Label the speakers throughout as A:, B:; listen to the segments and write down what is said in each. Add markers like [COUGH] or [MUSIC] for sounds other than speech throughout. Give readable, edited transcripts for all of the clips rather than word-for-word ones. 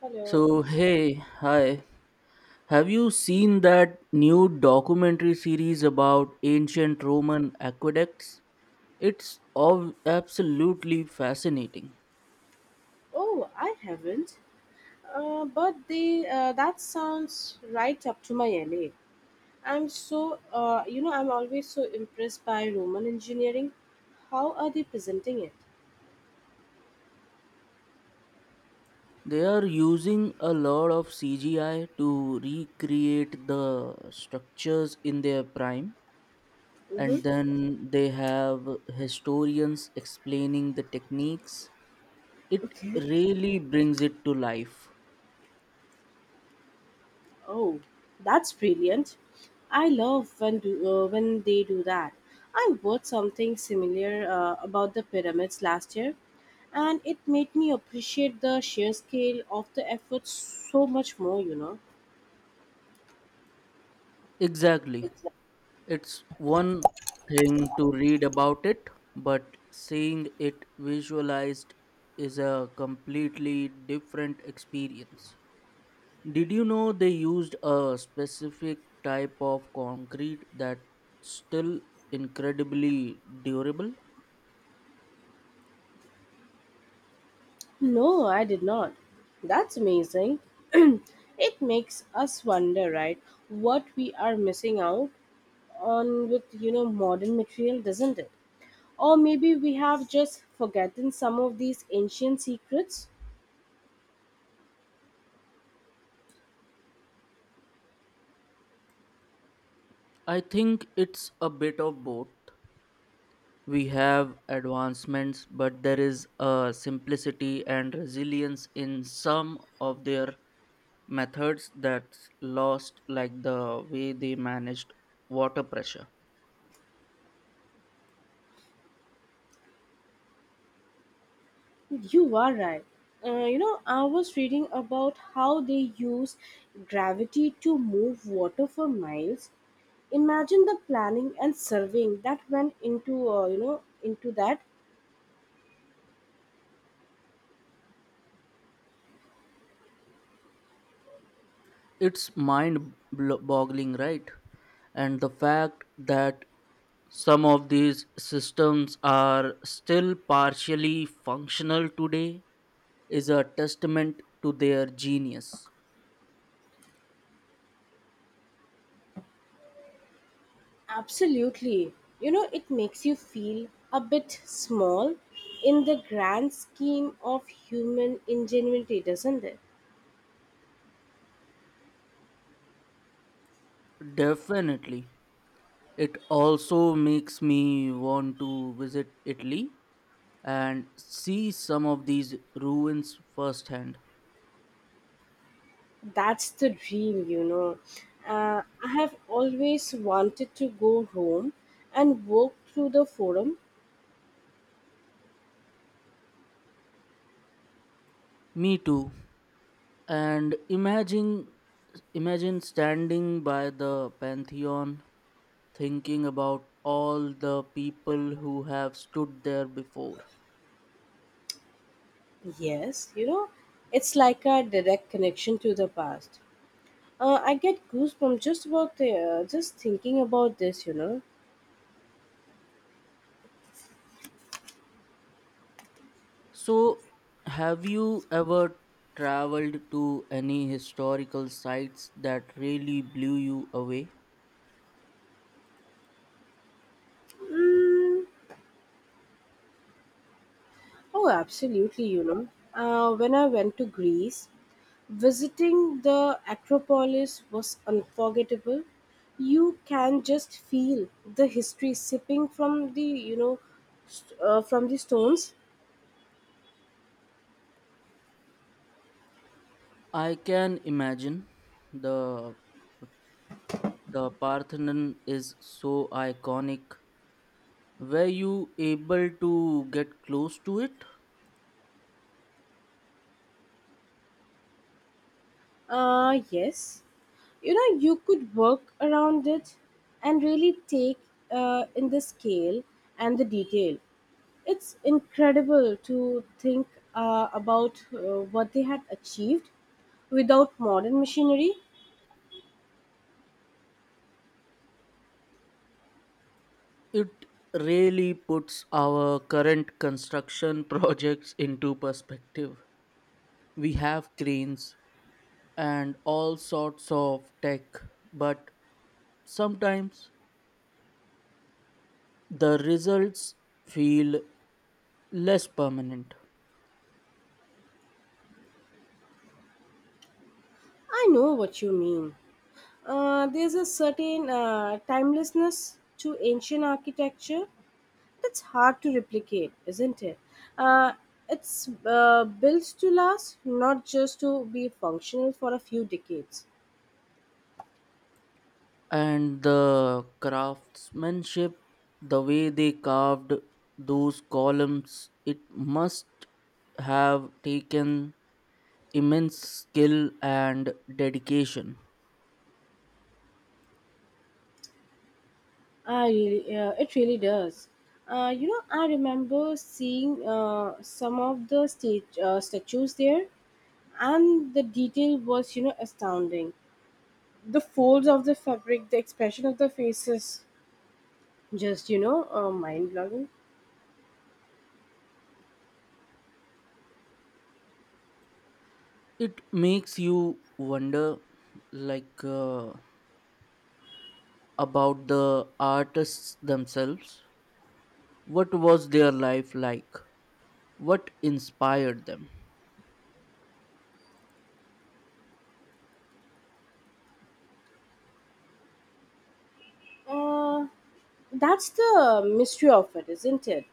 A: Hello.
B: So, hey, hi. Have you seen that new documentary series about ancient Roman aqueducts? It's absolutely fascinating.
A: Oh, I haven't. But they. That sounds right up to my alley. I'm so, I'm always so impressed by Roman engineering. How are they presenting it?
B: They are using a lot of CGI to recreate the structures in their prime,
A: Mm-hmm.
B: and then they have historians explaining the techniques. It
A: Okay.
B: really brings it to life.
A: Oh, that's brilliant. I love when they do that. I watched something similar about the pyramids last year, and it made me appreciate the sheer scale of the effort so much more.
B: Exactly. It's one thing to read about it, but seeing it visualized is a completely different experience. Did you know they used a specific type of concrete that's still incredibly durable?
A: No, I did not. That's amazing. [CLEARS THROAT] It makes us wonder, right, what we are missing out on with, modern material, doesn't it? Or maybe we have just forgotten some of these ancient secrets.
B: I think it's a bit of both. We have advancements, but there is a simplicity and resilience in some of their methods that's lost, like the way they managed water pressure.
A: You are right. I was reading about how they use gravity to move water for miles. Imagine the planning and surveying that went into that.
B: It's mind boggling, right? And the fact that some of these systems are still partially functional today is a testament to their genius.
A: Absolutely. You know, it makes you feel a bit small in the grand scheme of human ingenuity, doesn't it?
B: Definitely. It also makes me want to visit Italy and see some of these ruins firsthand.
A: That's the dream, you know. I have always wanted to go home and walk through the forum.
B: Me too. And imagine standing by the Pantheon, thinking about all the people who have stood there before.
A: Yes, you know, it's like a direct connection to the past. I get goosebumps just just thinking about this, you know.
B: So, have you ever traveled to any historical sites that really blew you away?
A: Mm, oh, absolutely, you know. When I went to Greece, visiting the Acropolis was unforgettable. You can just feel the history sipping from the from the stones.
B: I can imagine. The the Parthenon is so iconic. Were you able to get close to it?
A: Yes, you know you could work around it and really take in the scale and the detail. It's incredible to think about what they had achieved without modern machinery.
B: It really puts our current construction [LAUGHS] projects into perspective. We have cranes and all sorts of tech, but sometimes the results feel less permanent.
A: I know what you mean. There's a certain timelessness to ancient architecture that's hard to replicate, isn't it? Uh, it's built to last, not just to be functional for a few decades.
B: And the craftsmanship, the way they carved those columns, it must have taken immense skill and dedication.
A: It really does. You know, I remember seeing some of the statues there, and the detail was, you know, astounding. The folds of the fabric, the expression of the faces, just, mind blowing.
B: It makes you wonder, like uh, about the artists themselves. What was their life like? What inspired them?
A: Uh, that's the mystery of it, isn't it?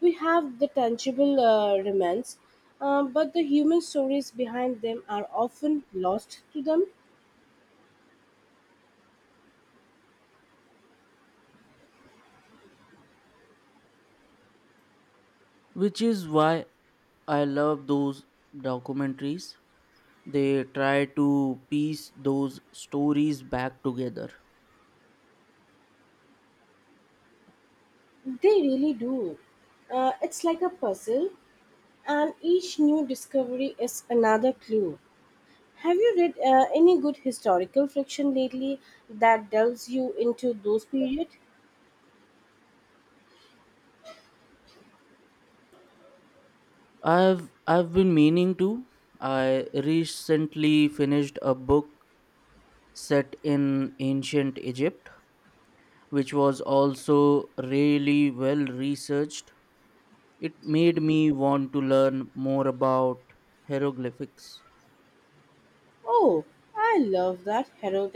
A: We have the tangible remains, but the human stories behind them are often lost to them.
B: Which is why I love those documentaries. They try to piece those stories back together.
A: They really do. It's like a puzzle, and each new discovery is another clue. Have you read any good historical fiction lately that delves you into those periods?
B: I've been meaning to. I recently finished a book set in ancient Egypt, which was also really well researched. It made me want to learn more about hieroglyphics.
A: Oh, I love that. Hero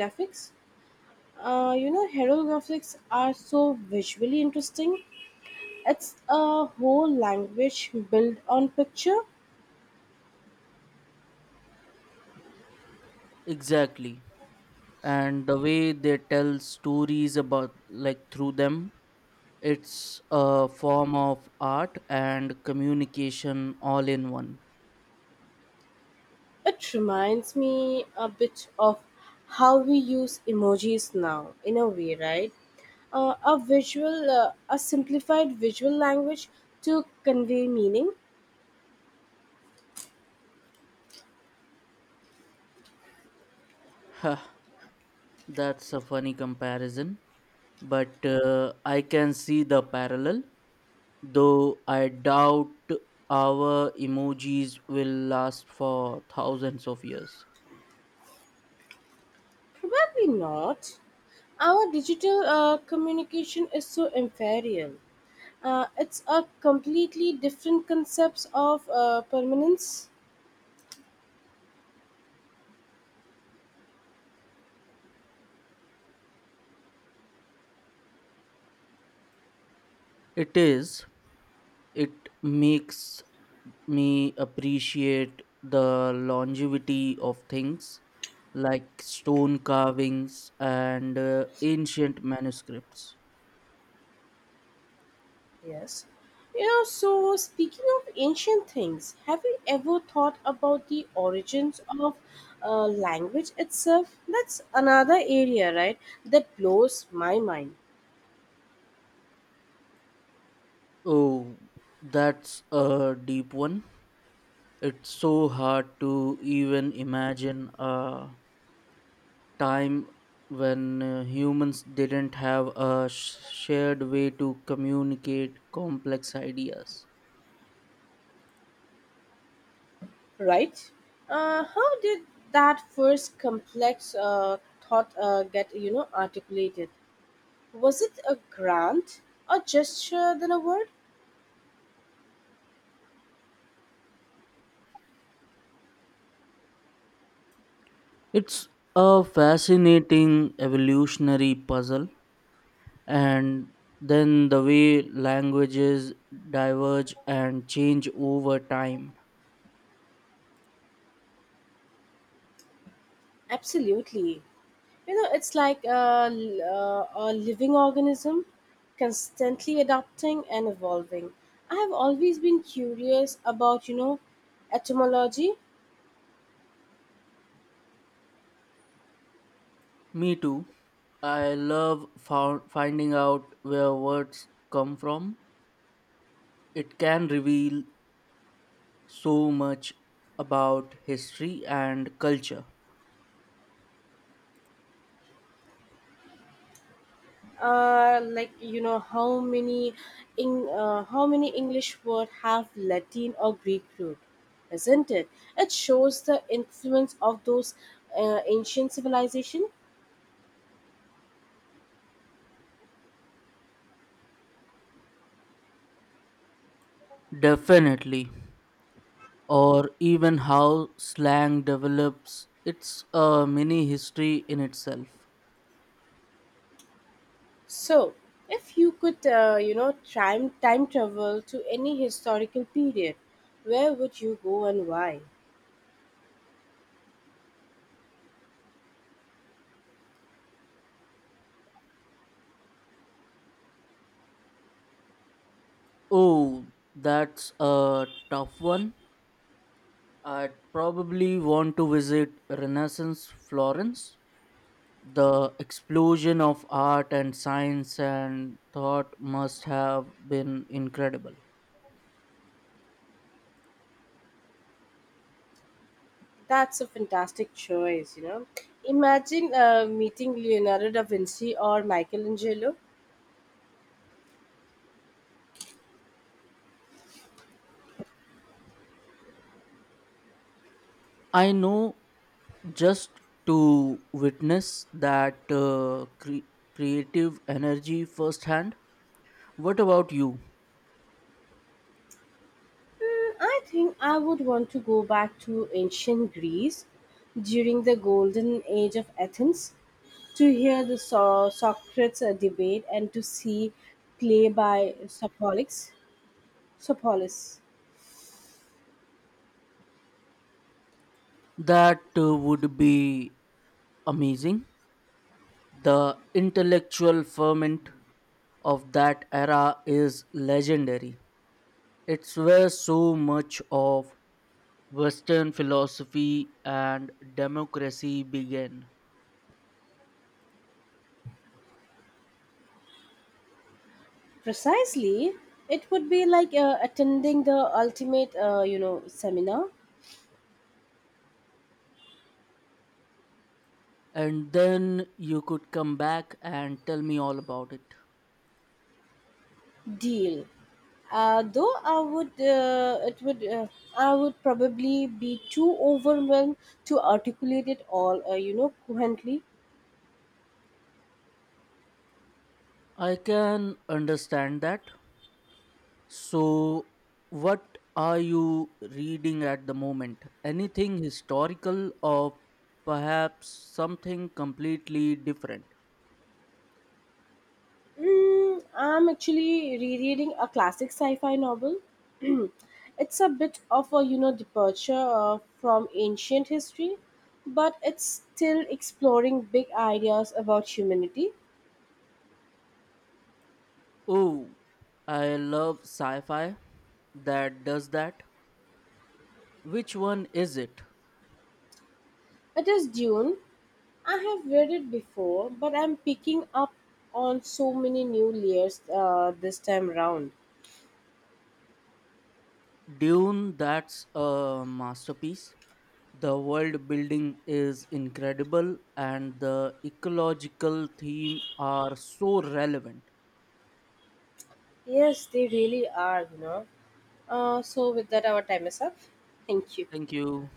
A: Uh, you know, Hero graphics are so visually interesting. It's a whole language built on picture.
B: Exactly. And the way they tell stories about, like, through them, it's a form of art and communication all in one.
A: It reminds me a bit of how we use emojis now, in a way, right? A simplified visual language to convey meaning?
B: Huh, that's a funny comparison, but I can see the parallel, though I doubt our emojis will last for thousands of years.
A: Probably not. Our digital communication is so inferior. It's a completely different concepts of permanence.
B: It is, it makes me appreciate the longevity of things like stone carvings and ancient manuscripts.
A: Yes, you know. So speaking of ancient things, have you ever thought about the origins of language itself? That's another area, right, that blows my mind,
B: Oh, that's a deep one. It's so hard to even imagine a time when humans didn't have a shared way to communicate complex ideas.
A: right? How did that first complex thought get articulated? Was it a grant, a gesture than a word?
B: It's a fascinating evolutionary puzzle, and then the way languages diverge and change over time.
A: Absolutely. You know, it's like a living organism constantly adapting and evolving. I have always been curious about, you know, etymology.
B: Me too. I love finding out where words come from. It can reveal so much about history and culture.
A: Like you know how many in how many english word have latin or greek root isn't it it shows the influence of those ancient civilizations.
B: Definitely. Or even how slang develops. It's a mini history in itself.
A: So, if you could, time travel to any historical period, where would you go and why?
B: Oh, that's a tough one. I'd probably want to visit Renaissance Florence. The explosion of art and science and thought must have been incredible.
A: That's a fantastic choice, you know. Imagine meeting Leonardo da Vinci or Michelangelo.
B: I know, just to witness that creative energy firsthand. What about you?
A: I think I would want to go back to ancient Greece during the golden age of Athens to hear Socrates debate and to see play by Sophocles. Sophocles.
B: That would be amazing. The intellectual ferment of that era is legendary. It's where so much of Western philosophy and democracy began.
A: Precisely, it would be like attending the ultimate seminar
B: And then you could come back and tell me all about it.
A: deal. Though I would probably be too overwhelmed to articulate it all, coherently.
B: I can understand that. So, what are you reading at the moment? Anything historical or perhaps something completely different?
A: I'm actually rereading a classic sci-fi novel. [CLEARS THROAT] It's a bit of a, you know, departure from ancient history, but it's still exploring big ideas about humanity.
B: Oh, I love sci fi that does that. Which one is it?
A: It is Dune. I have read it before, but I'm picking up on so many new layers this time round.
B: Dune, that's a masterpiece. The world building is incredible and the ecological theme are so relevant.
A: Yes, they really are, you know. So, with that, our time is up. Thank you.
B: Thank you.